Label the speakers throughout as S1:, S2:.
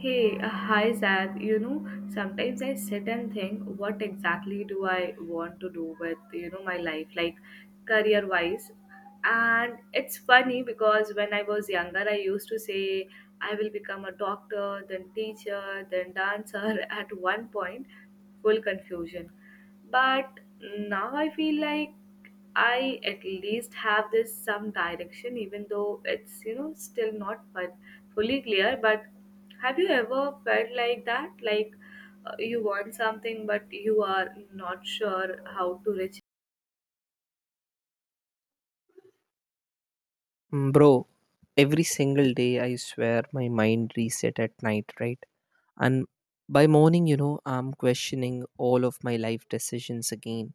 S1: Hey, hi Zad. Sometimes I sit and think, what exactly do I want to do with my life, like career-wise? And it's funny because when I was younger, I used to say I will become a doctor, then teacher, then dancer at one point, full confusion. But now I feel like I at least have this some direction, even though it's still not fully clear. But have you ever felt like that? Like you want something, but you are not sure how to reach.
S2: Mm, bro, every single day I swear my mind reset at night, right? And by morning, you know, I'm questioning all of my life decisions again.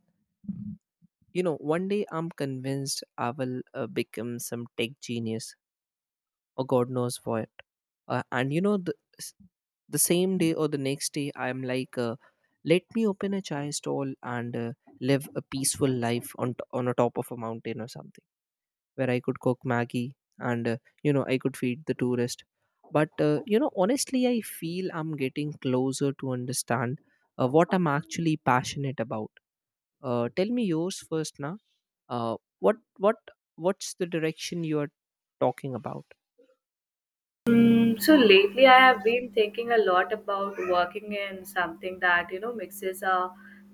S2: You know, one day I'm convinced I will become some tech genius or God knows what. And you know, the same day or the next day, I'm like, let me open a chai stall and live a peaceful life on a top of a mountain or something where I could cook Maggie and you know I could feed the tourist. But you know, honestly, I feel I'm getting closer to understand what I'm actually passionate about. Tell me yours first, now. What what's the direction you are talking about?
S1: So lately, I have been thinking a lot about working in something that mixes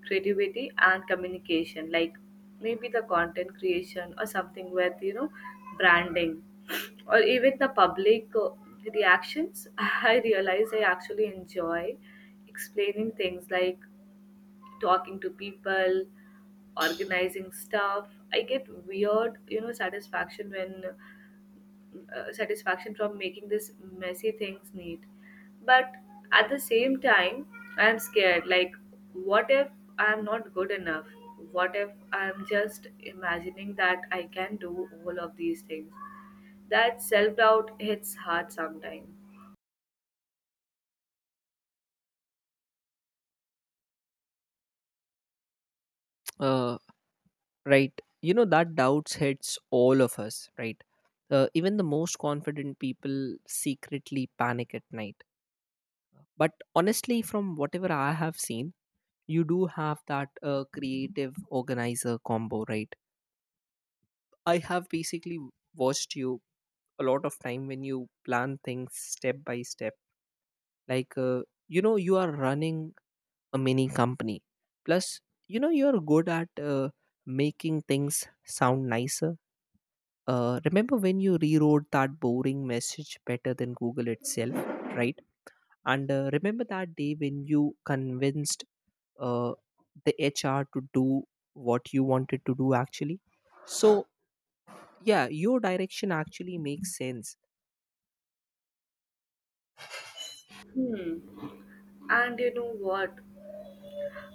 S1: creativity and communication, like maybe the content creation or something with branding, or even the public reactions. I realize I actually enjoy explaining things, like talking to people, organizing stuff. I get weird satisfaction from making this messy things neat. But at the same time, I'm scared, like, what if I'm not good enough? What if I'm just imagining that I can do all of these things? That self doubt hits hard sometimes.
S2: Uh, right. You know that doubts hits all of us, right? Even the most confident people secretly panic at night. But honestly, from whatever I have seen, you do have that creative organizer combo, right? I have basically watched you a lot of time when you plan things step by step, like you know you are running a mini company. Plus, you know you're good at making things sound nicer. Remember when you rewrote that boring message better than Google itself, right? And remember that day when you convinced uh, the HR to do what you wanted to do actually. So yeah, your direction actually makes sense.
S1: Hmm. And you know what?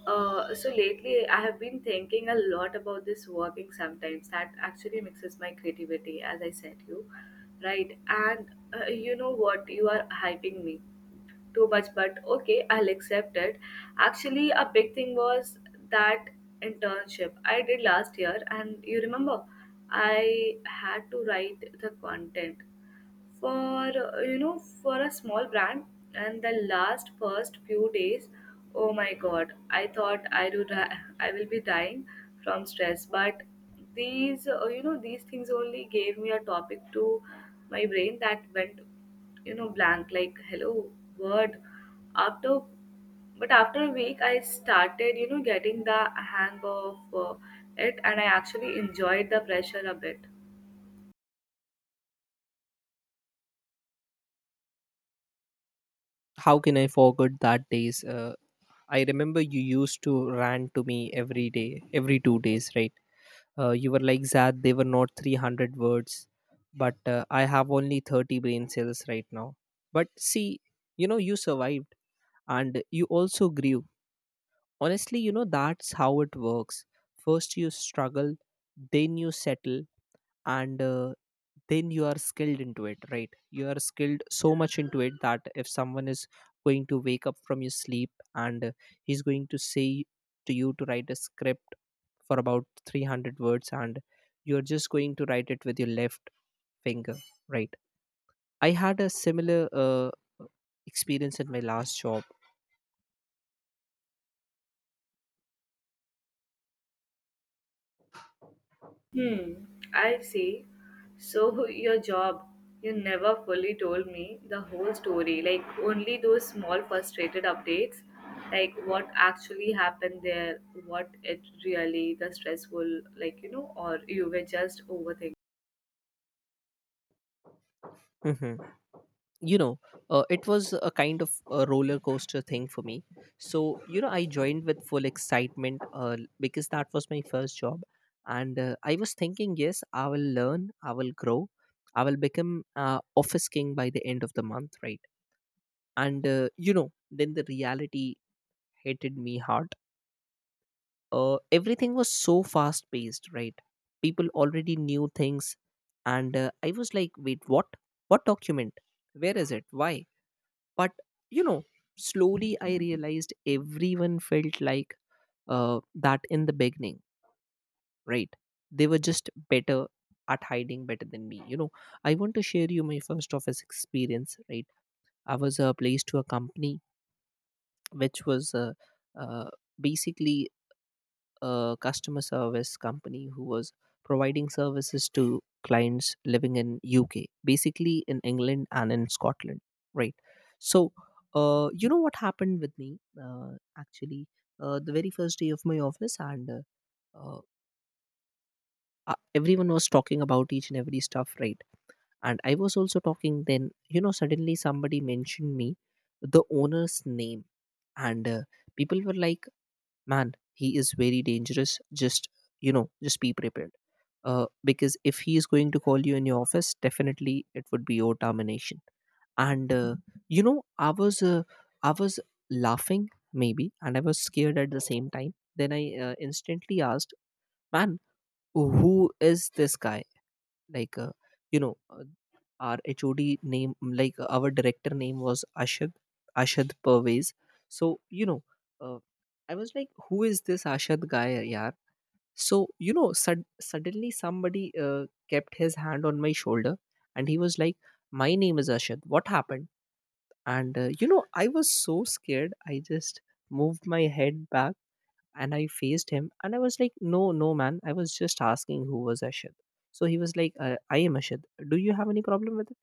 S1: So lately, I have been thinking a lot about this working sometimes. That actually mixes my creativity, as I said you, right? And you know what? You are hyping me too much, but okay, I'll accept it. Actually, a big thing was that internship I did last year, and you remember, I had to write the content for you know for a small brand. And the last first few days, oh my god, I thought I do die, I will be dying from stress. But these you know these things only gave me a topic to my brain that went blank, like hello word after. But after a week, I started getting the hang of it, and I actually enjoyed the pressure a bit.
S2: How can I forget that days? I remember you used to rant to me every day every 2 days, right? You were like, Zad, they were not 300 words, but I have only 30 brain cells right now. But see, you know you survived, and you also grew. Honestly, you know that's how it works. First you struggle, then you settle, and then you are skilled into it, right? You are skilled so much into it that if someone is going to wake up from your sleep and he's going to say to you to write a script for about 300 words, and you're just going to write it with your left finger, right? I had a similar experience in my last job.
S1: Hmm, I see. So your job, you never fully told me the whole story, like only those small frustrated updates, like what actually happened there, what it really the stressful, like or you were just overthinking.
S2: Mhm. You know, it was a kind of a roller coaster thing for me. So you know, I joined with full excitement, because that was my first job. And I was thinking, yes, I will learn, I will grow, I will become office king by the end of the month, right? And you know, then the reality hated me hard. Everything was so fast paced, right? People already knew things, and I was like, wait, what? What document, where is it, why? But you know, slowly I realized everyone felt like uh, that in the beginning, right? They were just better at hiding, better than me, you know. I want to share you my first office experience, right? I was placed to a company which was uh, basically a customer service company who was providing services to clients living in UK, basically in England and in Scotland, right? So, you know what happened with me, actually, the very first day of my office, and uh, everyone was talking about each and every stuff, right? And I was also talking. Then you know, suddenly somebody mentioned me, the owner's name, and people were like, man, he is very dangerous, just, you know, just be prepared, because if he is going to call you in your office, definitely it would be your termination. And you know, I was laughing maybe, and I was scared at the same time. Then I instantly asked, man, who is this guy? Like you know, our HOD name, like our director name was Ashad, Ashad Pervez. So you know, uh, I was like, who is this Ashad guy, yaar? So you know, suddenly somebody kept his hand on my shoulder, and he was like, my name is Ashad, what happened? And you know, I was so scared, I just moved my head back, and I faced him, and I was like, no, no, man. I was just asking who was Ashid. So he was like, I am Ashid. Do you have any problem with it?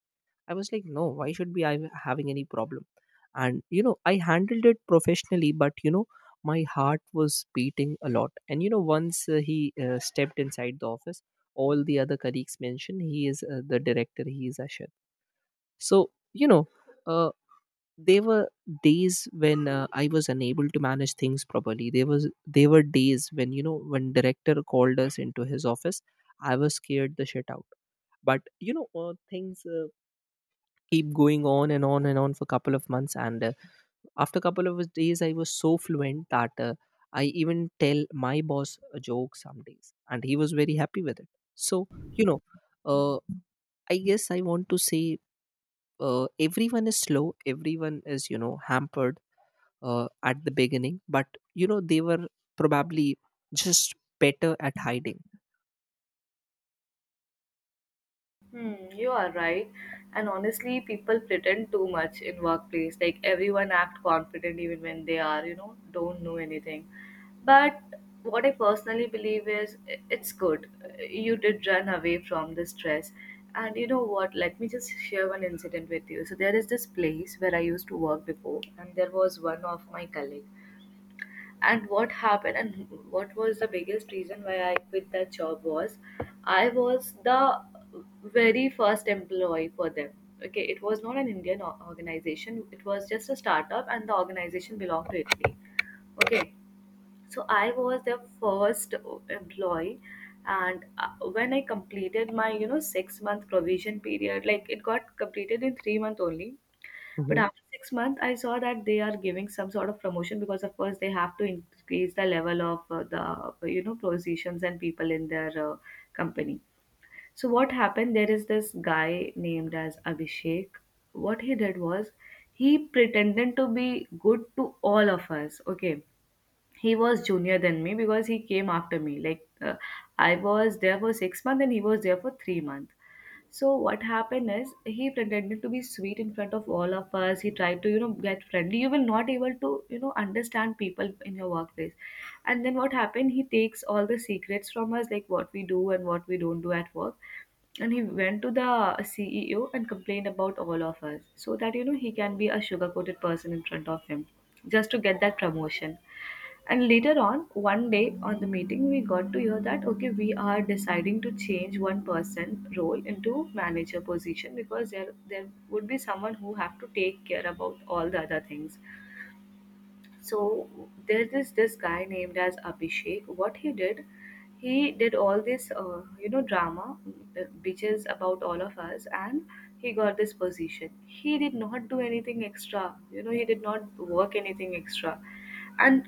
S2: I was like, no, why should be I having any problem? And, you know, I handled it professionally, but, you know, my heart was beating a lot. And, you know, once he stepped inside the office, all the other colleagues mentioned he is the director, he is Ashid. So, you know, uh, there were days when I was unable to manage things properly. There were days when, you know, when director called us into his office, I was scared the shit out. But you know, things keep going on and on and on for a couple of months, and after a couple of days I was so fluent that I even tell my boss a joke some days, and he was very happy with it. So you know, uh, I guess I want to say, everyone is slow, everyone is, you know, hampered at the beginning, but you know, they were probably just better at hiding.
S1: Hmm, you are right. And honestly, people pretend too much in workplace. Like, everyone act confident even when they are don't know anything. But what I personally believe is it's good. You did run away from the stress. And you know what? Let me just share one incident with you. So there is this place where I used to work before, and there was one of my colleague. And what happened and what was the biggest reason why I quit that job was, I was the very first employee for them. Okay, it was not an Indian organization, it was just a startup, and the organization belonged to Italy. Okay, so I was their first employee. And when I completed my 6-month provision period, like, it got completed in 3 months only. But
S2: Hmm.
S1: after 6 months, I saw that they are giving some sort of promotion because, of course, they have to increase the level of the positions and people in their company. So what happened? There is this guy named as Abhishek. What he did was, he pretended to be good to all of us. Okay, he was junior than me because he came after me. Like I was there for 6 months and he was there for 3 months. So what happened is, he pretended to be sweet in front of all of us. He tried to get friendly. You will not able to understand people in your workplace. And then what happened? He takes all the secrets from us, like what we do and what we don't do at work. And he went to the CEO and complained about all of us, so that he can be a sugar-coated person in front of him, just to get that promotion. And later on, one day on the meeting, we got to hear that okay, we are deciding to change one person role into manager position because there would be someone who have to take care about all the other things. So there is this guy named as Abhishek. What he did all this drama, bitches about all of us, and he got this position. He did not do anything extra. He did not work anything extra. And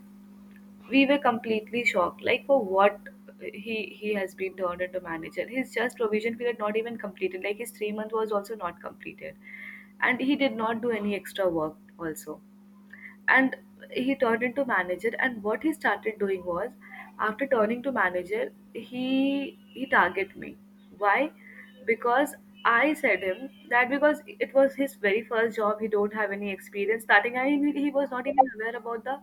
S1: we were completely shocked, like for what? He has been turned into manager, his just provision period not even completed, like his 3 month was also not completed, and he did not do any extra work also. And he turned into manager, and what he started doing was, after turning to manager, he he target me. Why? Because I said him that, because it was his very first job, he don't have any experience starting, I mean, he was not even aware about the,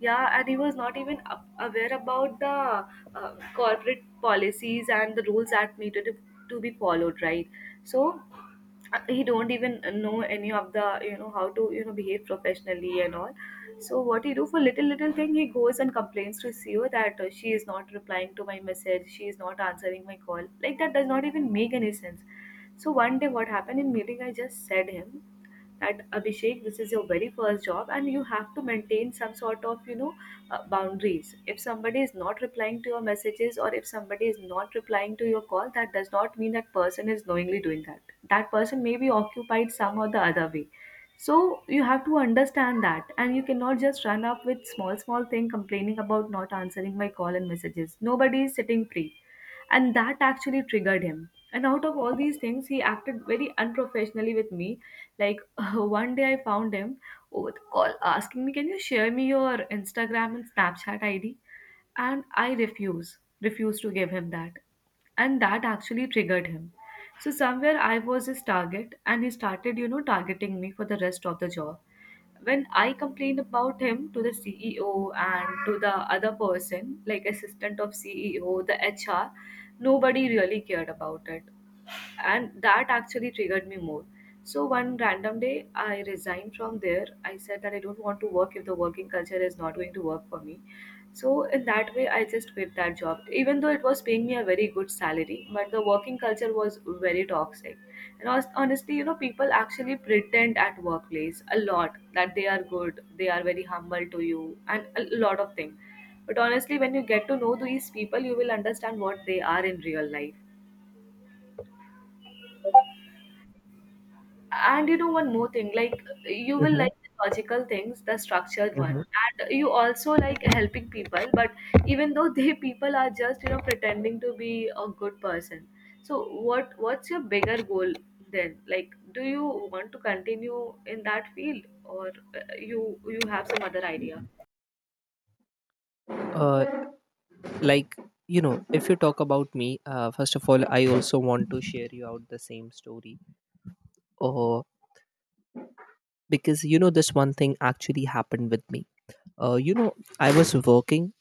S1: yeah, and he was not even aware about the corporate policies and the rules that needed to be followed, right? So he don't even know any of the how to behave professionally and all. So what he do, for little little thing, he goes and complains to CEO that she is not replying to my message, she is not answering my call. Like, that does not even make any sense. So one day, what happened in meeting, I just said him that, Abhishek, this is your very first job, and you have to maintain some sort of boundaries. If somebody is not replying to your messages or if somebody is not replying to your call, that does not mean that person is knowingly doing that. That person may be occupied some or the other way. So you have to understand that, and you cannot just run up with small small thing complaining about not answering my call and messages. Nobody is sitting free. And that actually triggered him, and out of all these things, he acted very unprofessionally with me, like one day I found him over the call asking me, can you share me your Instagram and Snapchat id? And I refuse, to give him that. And that actually triggered him. So somewhere I was his target, and he started targeting me for the rest of the job. When I complained about him to the CEO and to the other person, like assistant of CEO, the HR, nobody really cared about it. And that actually triggered me more. So one random day I resigned from there. I said that I don't want to work if the working culture is not going to work for me. So in that way, I just quit that job, even though it was paying me a very good salary, but the working culture was very toxic. And honestly, people actually pretend at workplace a lot, that they are good, they are very humble to you, and a lot of things. But honestly, when you get to know these people, you will understand what they are in real life. And you know one more thing, like, you will
S2: Hmm.
S1: like the logical things, the structured one,
S2: hmm
S1: and you also like helping people. But even though they people are just pretending to be a good person. So what's your bigger goal then? Like, do you want to continue in that field, or you have some other idea?
S2: uh, like you know, if you talk about me, first of all, I also want to share you out the same story, uh, because you know this one thing actually happened with me. uh, you know i was working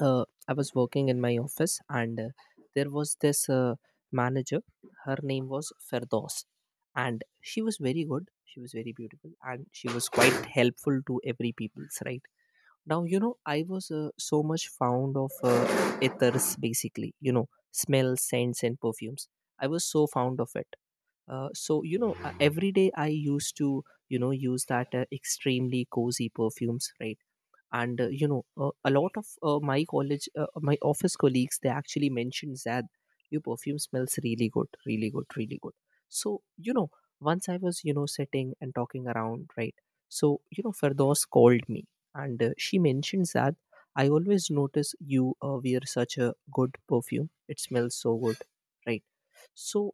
S2: uh, I was working in my office, and there was this manager. Her name was Ferdos, and she was very good. She was very beautiful, and she was quite helpful to every people's, right. Now you know, I was so much fond of ethers, basically. You know, smells, scents, and perfumes. I was so fond of it. So you know, every day I used to, you know, use that extremely cozy perfumes, right? And you know, a lot of my office colleagues, they actually mentioned that your perfume smells really good, really good, really good. So you know, once I was, you know, sitting and talking around, right? So you know, Ferdos called me, and she mentions that I always notice you wear such a good perfume, it smells so good, right? So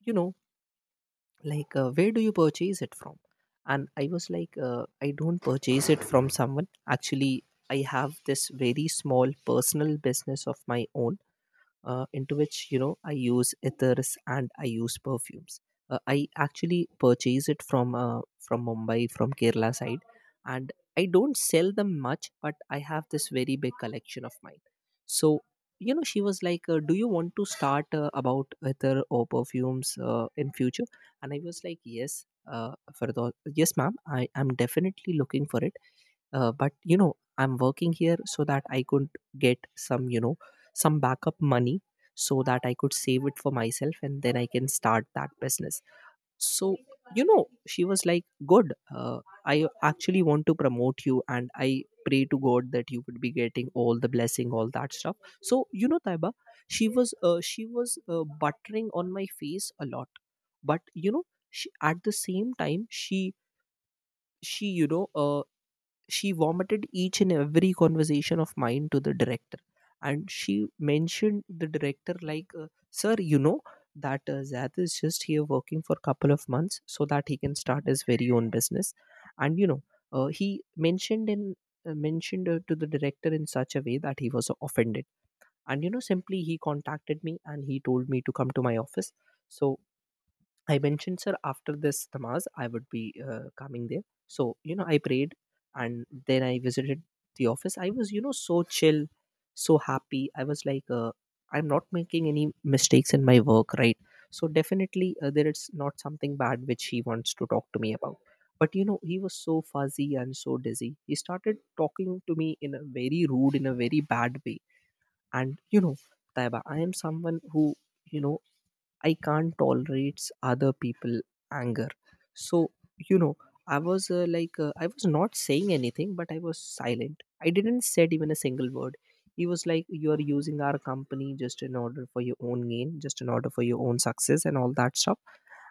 S2: you know, like where do you purchase it from? And I was like, I don't purchase it from someone actually. I have this very small personal business of my own, into which, you know, I use ethers and I use perfumes. I actually purchase it from Mumbai, from Kerala side, and I don't sell them much, but I have this very big collection of mine. So you know, she was like, "Do you want to start about ether or perfumes in future?" And I was like, "Yes." For the yes, ma'am, I am definitely looking for it, but you know, I'm working here so that I could get some, you know, some backup money, so that I could save it for myself, and then I can start that business. So you know, she was like, good. I actually want to promote you, and I pray to God that you would be getting all the blessing, all that stuff. So you know, Taiba, she was buttering on my face a lot. But you know, she, at the same time, she, she vomited each and every conversation of mine to the director. And she mentioned the director like, sir, you know, that Zad is just here working for a couple of months so that he can start his very own business. And you know, he mentioned in mentioned to the director in such a way that he was offended. And you know, simply he contacted me and he told me to come to my office. So I mentioned, sir, after this Namaz, I would be coming there. So, you know, I prayed, and then I visited the office. I was, you know, so chill, so happy. I was like, I'm not making any mistakes in my work, right? So, definitely, there is not something bad which he wants to talk to me about. But, you know, he was so fuzzy and so dizzy. He started talking to me in a very rude, in a very bad way. And, you know, Taiba, I am someone who, you know, I can't tolerate other people anger. So, you know, I was I was not saying anything, but I was silent. I didn't said even a single word. He was like, "You are using our company just in order for your own gain, just in order for your own success, and all that stuff."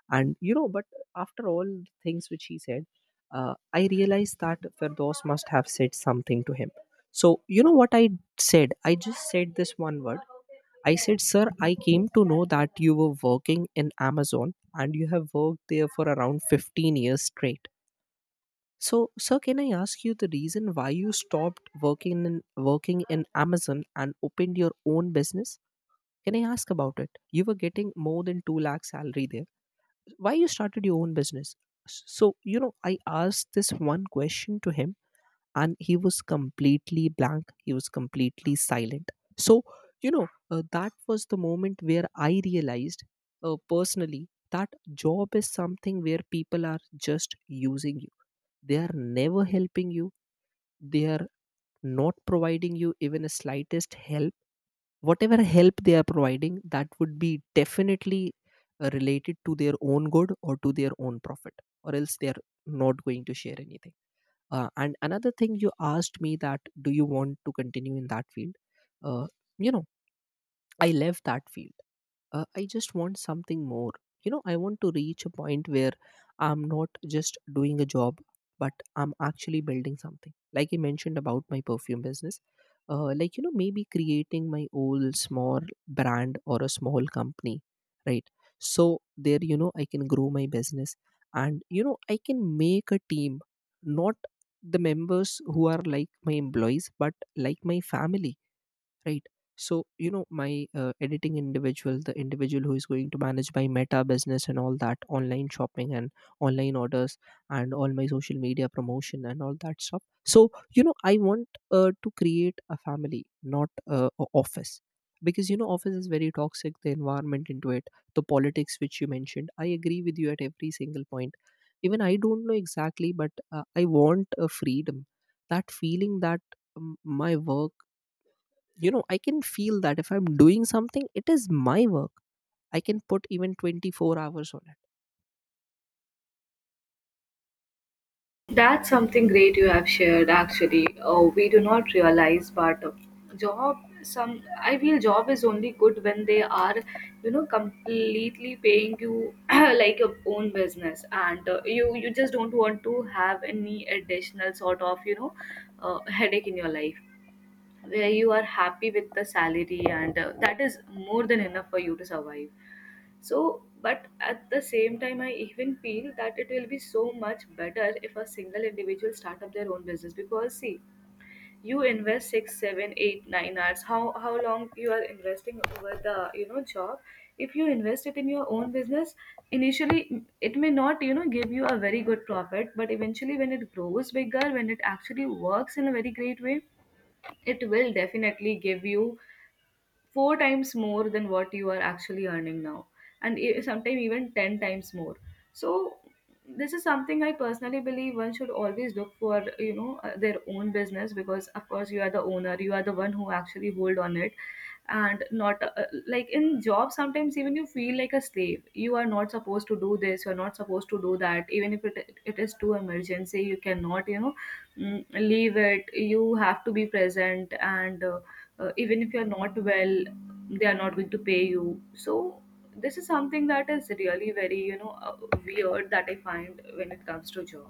S2: And but after all things which he said, I realized that Firdos must have said something to him. So you know what I said? I just said this one word, I said, Sir, I came to know that you were working in Amazon and you have worked there for around 15 years straight. So, sir, can I ask you the reason why you stopped working in Amazon and opened your own business? Can I ask about it? You were getting more than 2 lakh salary there. Why you started your own business? So, I asked this one question to him, and he was completely blank, he was completely silent. So that was the moment where I realized, personally, that job is something where people are just using you. They are never helping you. They are not providing you even a slightest help. Whatever help they are providing, that would be definitely related to their own good or to their own profit, or else they are not going to share anything. And another thing you asked me, that do you want to continue in that field. uh, you know, I left that field. I just want something more. You know, I want to reach a point where I'm not just doing a job, but I'm actually building something, like I mentioned about my perfume business. Like, you know, maybe creating my own small brand or a small company, right? So there, you know, I can grow my business, and you know, I can make a team. Not the members who are like my employees, but like my family, right? So you know, my editing individual the individual who is going to manage my meta business and all that online shopping and online orders and all my social media promotion and all that stuff. So you know, I want to create a family, not a office. Because you know, office is very toxic, the environment into it. The politics which you mentioned, I agree with you at every single point. Even I don't know exactly, but I want a freedom, that feeling that my work, you know, I can feel that if I'm doing something, it is my work. I can put even 24 hours on
S1: That's something great you have shared actually. We do not realize, but job, some, I feel job is only good when they are completely paying you, like your own business, and you just don't want to have any additional sort of headache in your life, where you are happy with the salary, and that is more than enough for you to survive. So, but at the same time, I even feel that it will be so much better if a single individual start up their own business, because see, you invest 6, 7, 8, 9 hours. How long you are investing over the job? If you invest it in your own business, initially it may not give you a very good profit, but eventually when it grows bigger, when it actually works in a very great way, it will definitely give you four times more than what you are actually earning now, and sometimes even 10 times more. So this is something I personally believe one should always look for, their own business, because of course you are the owner, you are the one who actually hold on it. And not like in job, sometimes even you feel like a slave. You are not supposed to do this, you're not supposed to do that, even if it is too emergency, you cannot leave it. You have to be present, and even if you're not well, they are not going to pay you. So this is something that is really very weird that I find when it comes to job.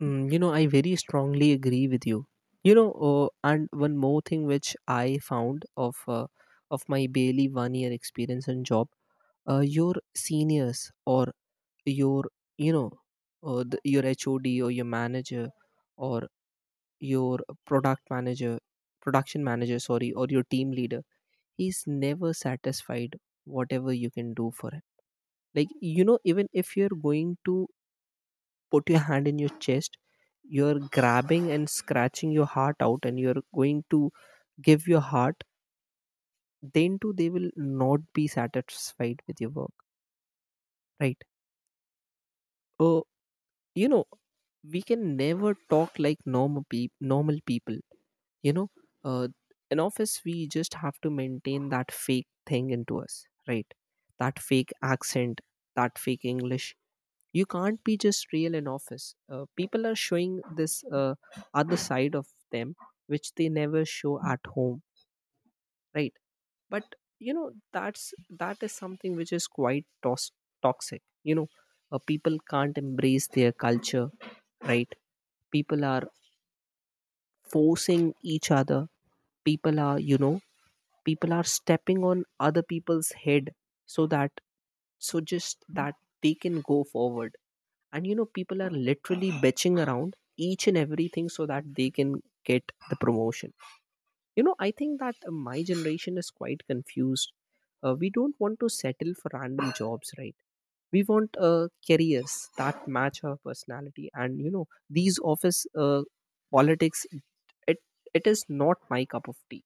S2: it. You know, I very strongly agree with you. You know, and one more thing which I found of my barely one year experience in job. Your seniors or your you know your HOD or your manager or your product manager production manager, sorry, or your team leader. He's never satisfied, whatever you can do for him. Like you know, even if you're going to put your hand in your chest, you're grabbing and scratching your heart out, and you're going to give your heart, then too they will not be satisfied with your work, right? Oh, you know, we can never talk like normal people, you know, uh, in office we just have to maintain that fake thing into us, right? That fake accent, that fake English. You can't be just real in office. People are showing this other side of them, which they never show at home, right? But you know, that is something which is quite toxic, you know. People can't embrace their culture, right? People are forcing each other. People are, you know, people are stepping on other people's head so that, so just that they can go forward. And you know, people are literally bitching around each and everything so that they can get the promotion. You know, I think that my generation is quite confused. We don't want to settle for random jobs, right? We want careers that match our personality. And you know, these office politics, it it is not my cup of tea.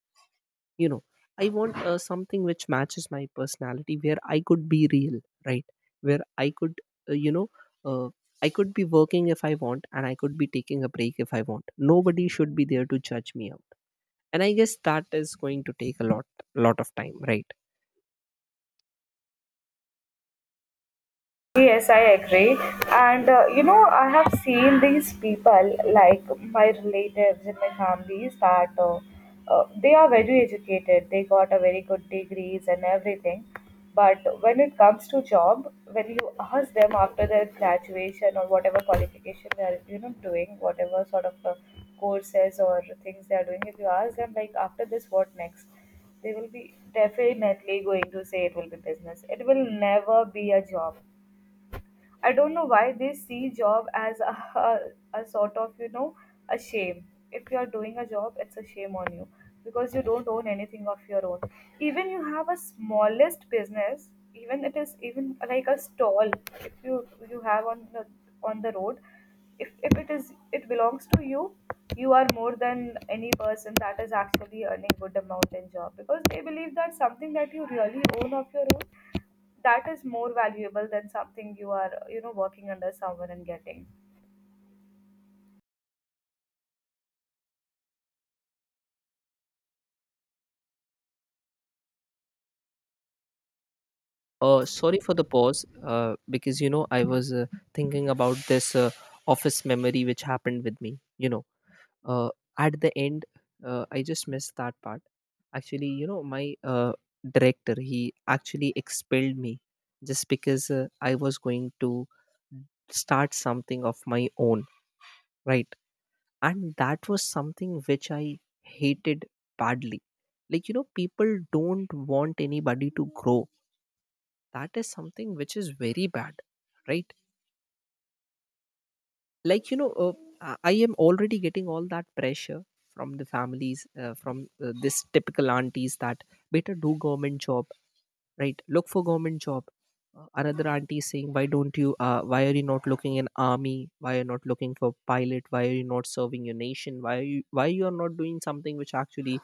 S2: You know, I want something which matches my personality, where I could be real, right? Where uh, you know uh, I could be working if I want, and I could be taking a break if I want. Nobody should be there to judge me out. And I guess that is going to take a lot of time, right?
S1: Yes, I agree. And you know, I have seen these people, like my relatives in my families, that they are very educated. They got a very good degrees and everything. But when it comes to job, when you ask them after their graduation or whatever qualification they are, you know, doing, whatever sort of courses or things they are doing, if you ask them like after this, what next? They will be definitely going to say it will be business. It will never be a job. I don't know why they see job as a, a sort of, you know, a shame. If you are doing a job, it's a shame on you, because you don't own anything of your own. Even you have a smallest business, even it is even like a stall. If you have on the road, if it is it belongs to you, you are more than any person that is actually earning good amount in job, because they believe that something that you really own of your own, that is more valuable than something you are, you know, working under someone and getting.
S2: Sorry for the pause, because you know, I was thinking about this office memory which happened with me, you know. uh, at the end, I just missed that part. Actually, you know, my director, he actually expelled me just because I was going to start something of my own, right? And that was something which I hated badly. Like you know, people don't want anybody to grow. That is something which is very bad, right? Like you know, I am already getting all that pressure from the families, from this typical aunties, that better do government job, right? Look for government job. Another auntie is saying, why don't you why are you not looking in army? Why are you not looking for pilot? Why are you not serving your nation? Why you are not doing something which actually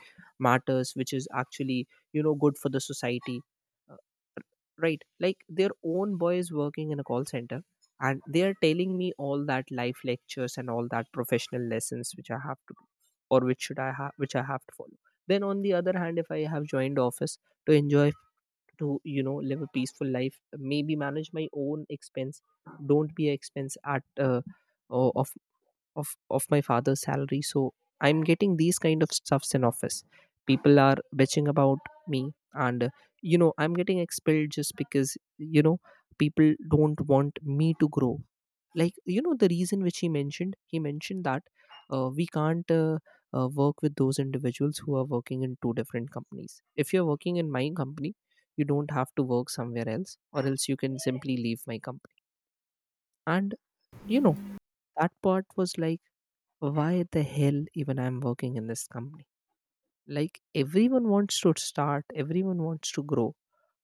S2: matters, which is actually you know good for the society. Uh, right, like their own boy is working in a call center, and they are telling me all that life lectures and all that professional lessons which I have to do, or which I have to follow. Then on the other hand, if I have joined office to enjoy, to you know live a peaceful life, maybe manage my own expense, don't be an expense at, uh, o- of of my father's salary. So I'm getting these kind of stuffs in office. People are bitching about me, and you know, I'm getting expelled just because you know, people don't want me to grow. Like you know, the reason which he mentioned, that we can't work with those individuals who are working in two different companies. If you're working in my company, you don't have to work somewhere else, or else you can simply leave my company. And you know, that part was like, why the hell even I'm working in this company? Like everyone wants to start, everyone wants to grow.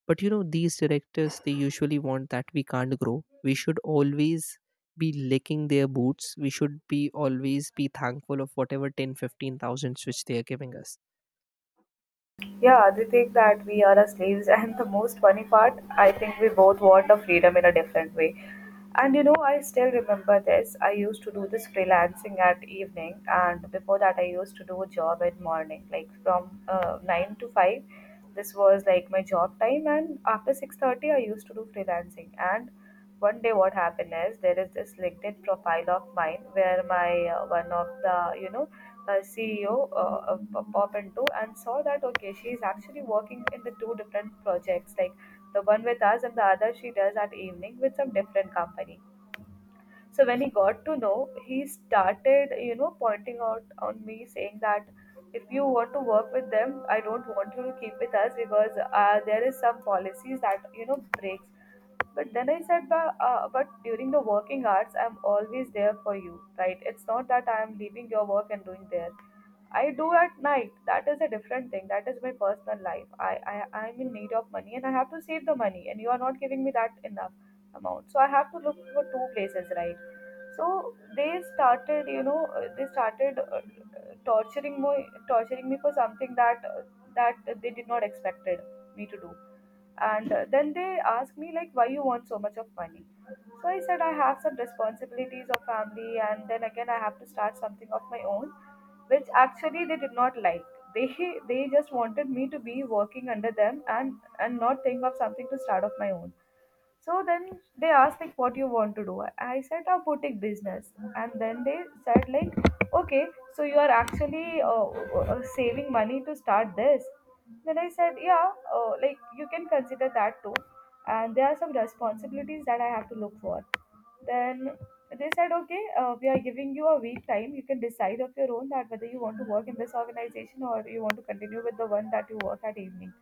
S2: But you know, these directors, they usually want that we can't grow. We should always be licking their boots. We should be always be thankful of whatever 10, 15 thousands which they are giving us.
S1: Yeah, they think that we are our slaves, and the most funny part, I think we both want a freedom in a different way. And you know, I still remember this. I used to do this freelancing at evening, and before that, I used to do a job at morning, like from 9 to 5. This was like my job time, and after 6:30, I used to do freelancing. And one day, what happened is there is this LinkedIn profile of mine where my one of the you know CEO of Pop Into, and saw that okay, she's actually working in the two different projects, like the one with us and the other she does at evening with some different company. So when he got to know, he started, you know, pointing out on me saying that if you want to work with them, I don't want you to keep with us because there is some policies that you know breaks. But then I said, but during the working hours, I'm always there for you, right? It's not that I'm leaving your work and doing there. I do at night. That is a different thing. That is my personal life. I'm in need of money and I have to save the money, and you are not giving me that enough amount. So I have to look for two places, right? So they started, you know, they started torturing me for something that that they did not expected me to do. And then they asked me like why you want so much of money. So I said I have some responsibilities of family, and then again I have to start something of my own, which actually they did not like. They they just wanted me to be working under them, and not think of something to start of my own. So then they asked like what you want to do. I said a boutique business, and then they said like, okay, so you are actually saving money to start this. Then I said yeah, like you can consider that too, and there are some responsibilities that I have to look for. Then they said okay, we are giving you a week time. You can decide of your own that whether you want to work in this organization or you want to continue with the one that you work at evening.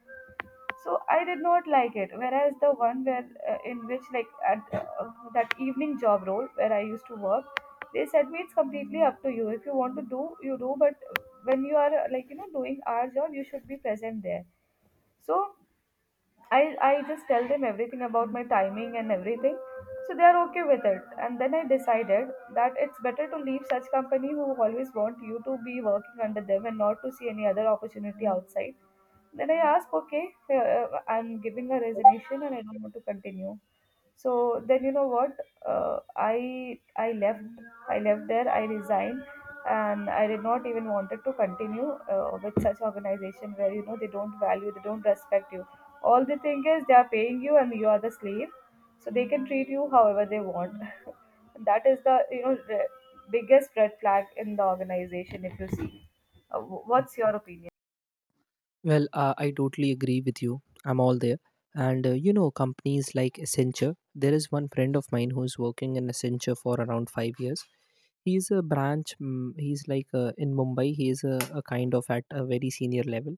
S1: So I did not like it, whereas the one where in which like at that evening job role where I used to work, they said me it's completely up to you. If you want to do, you do, but when you are like you know doing our job you should be present there. So I just tell them everything about my timing and everything, so they are okay with it. And then I decided that it's better to leave such company who always want you to be working under them and not to see any other opportunity outside. Then I ask, okay, I'm giving a resignation and I don't want to continue. So then you know what? I left. I left there. I resigned, and I did not even wanted to continue with such organization where you know they don't value, they don't respect you. All they think is they are paying you and you are the slave, so they can treat you however they want. And that is the, you know, the biggest red flag in the organization if you see. What's your opinion?
S2: Well, I totally agree with you. I'm all there. And you know, companies like Accenture, there is one friend of mine who's working in Accenture for around 5 years. He's a branch. He's like in Mumbai. He is a kind of at a very senior level.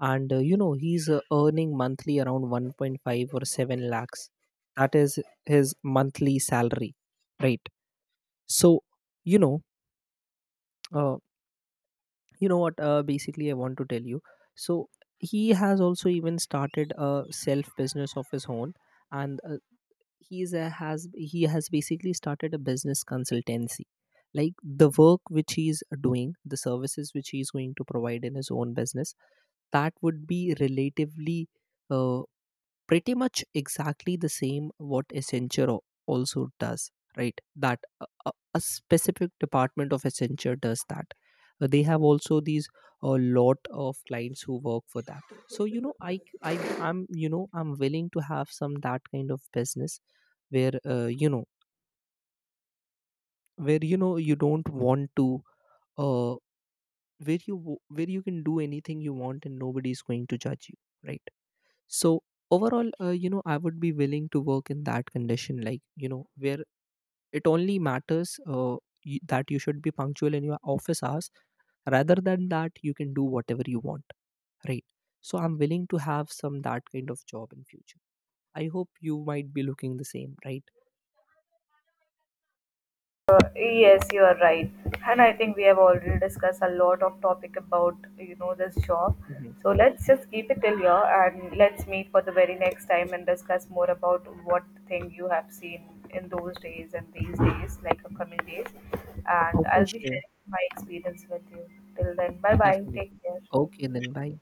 S2: And you know, he's earning monthly around 1.5 or 7 lakhs. That is his monthly salary, right? So, you know, uh, you know what basically I want to tell you. So he has also even started a self business of his own. And he's a, has he has basically started a business consultancy. Like the work which he's doing, the services which he's going to provide in his own business, that would be relatively uh, pretty much exactly the same what Accenture also does, right? That a specific department of Accenture does that. They have also these a lot of clients who work for that. So you know, I I'm willing to have some that kind of business where you know where you know you don't want to uh, where you can do anything you want, and nobody's going to judge you, right? So overall, you know, I would be willing to work in that condition, like you know, where it only matters that you should be punctual in your office hours. Rather than that, you can do whatever you want, right? So I'm willing to have some that kind of job in future. I hope you might be looking the same, right?
S1: Yes, you are right. And I think we have already discussed a lot of topic about, you know, this job.
S2: Mhm.
S1: So let's just keep it till here and let's meet for the very next time and discuss more about what thing you have seen in those days and these days, like upcoming days. And
S2: Oh, for
S1: I'll be
S2: sure,
S1: sharing my experience with you. Till then, bye bye.
S2: definitely.
S1: Take care.
S2: Okay, then bye.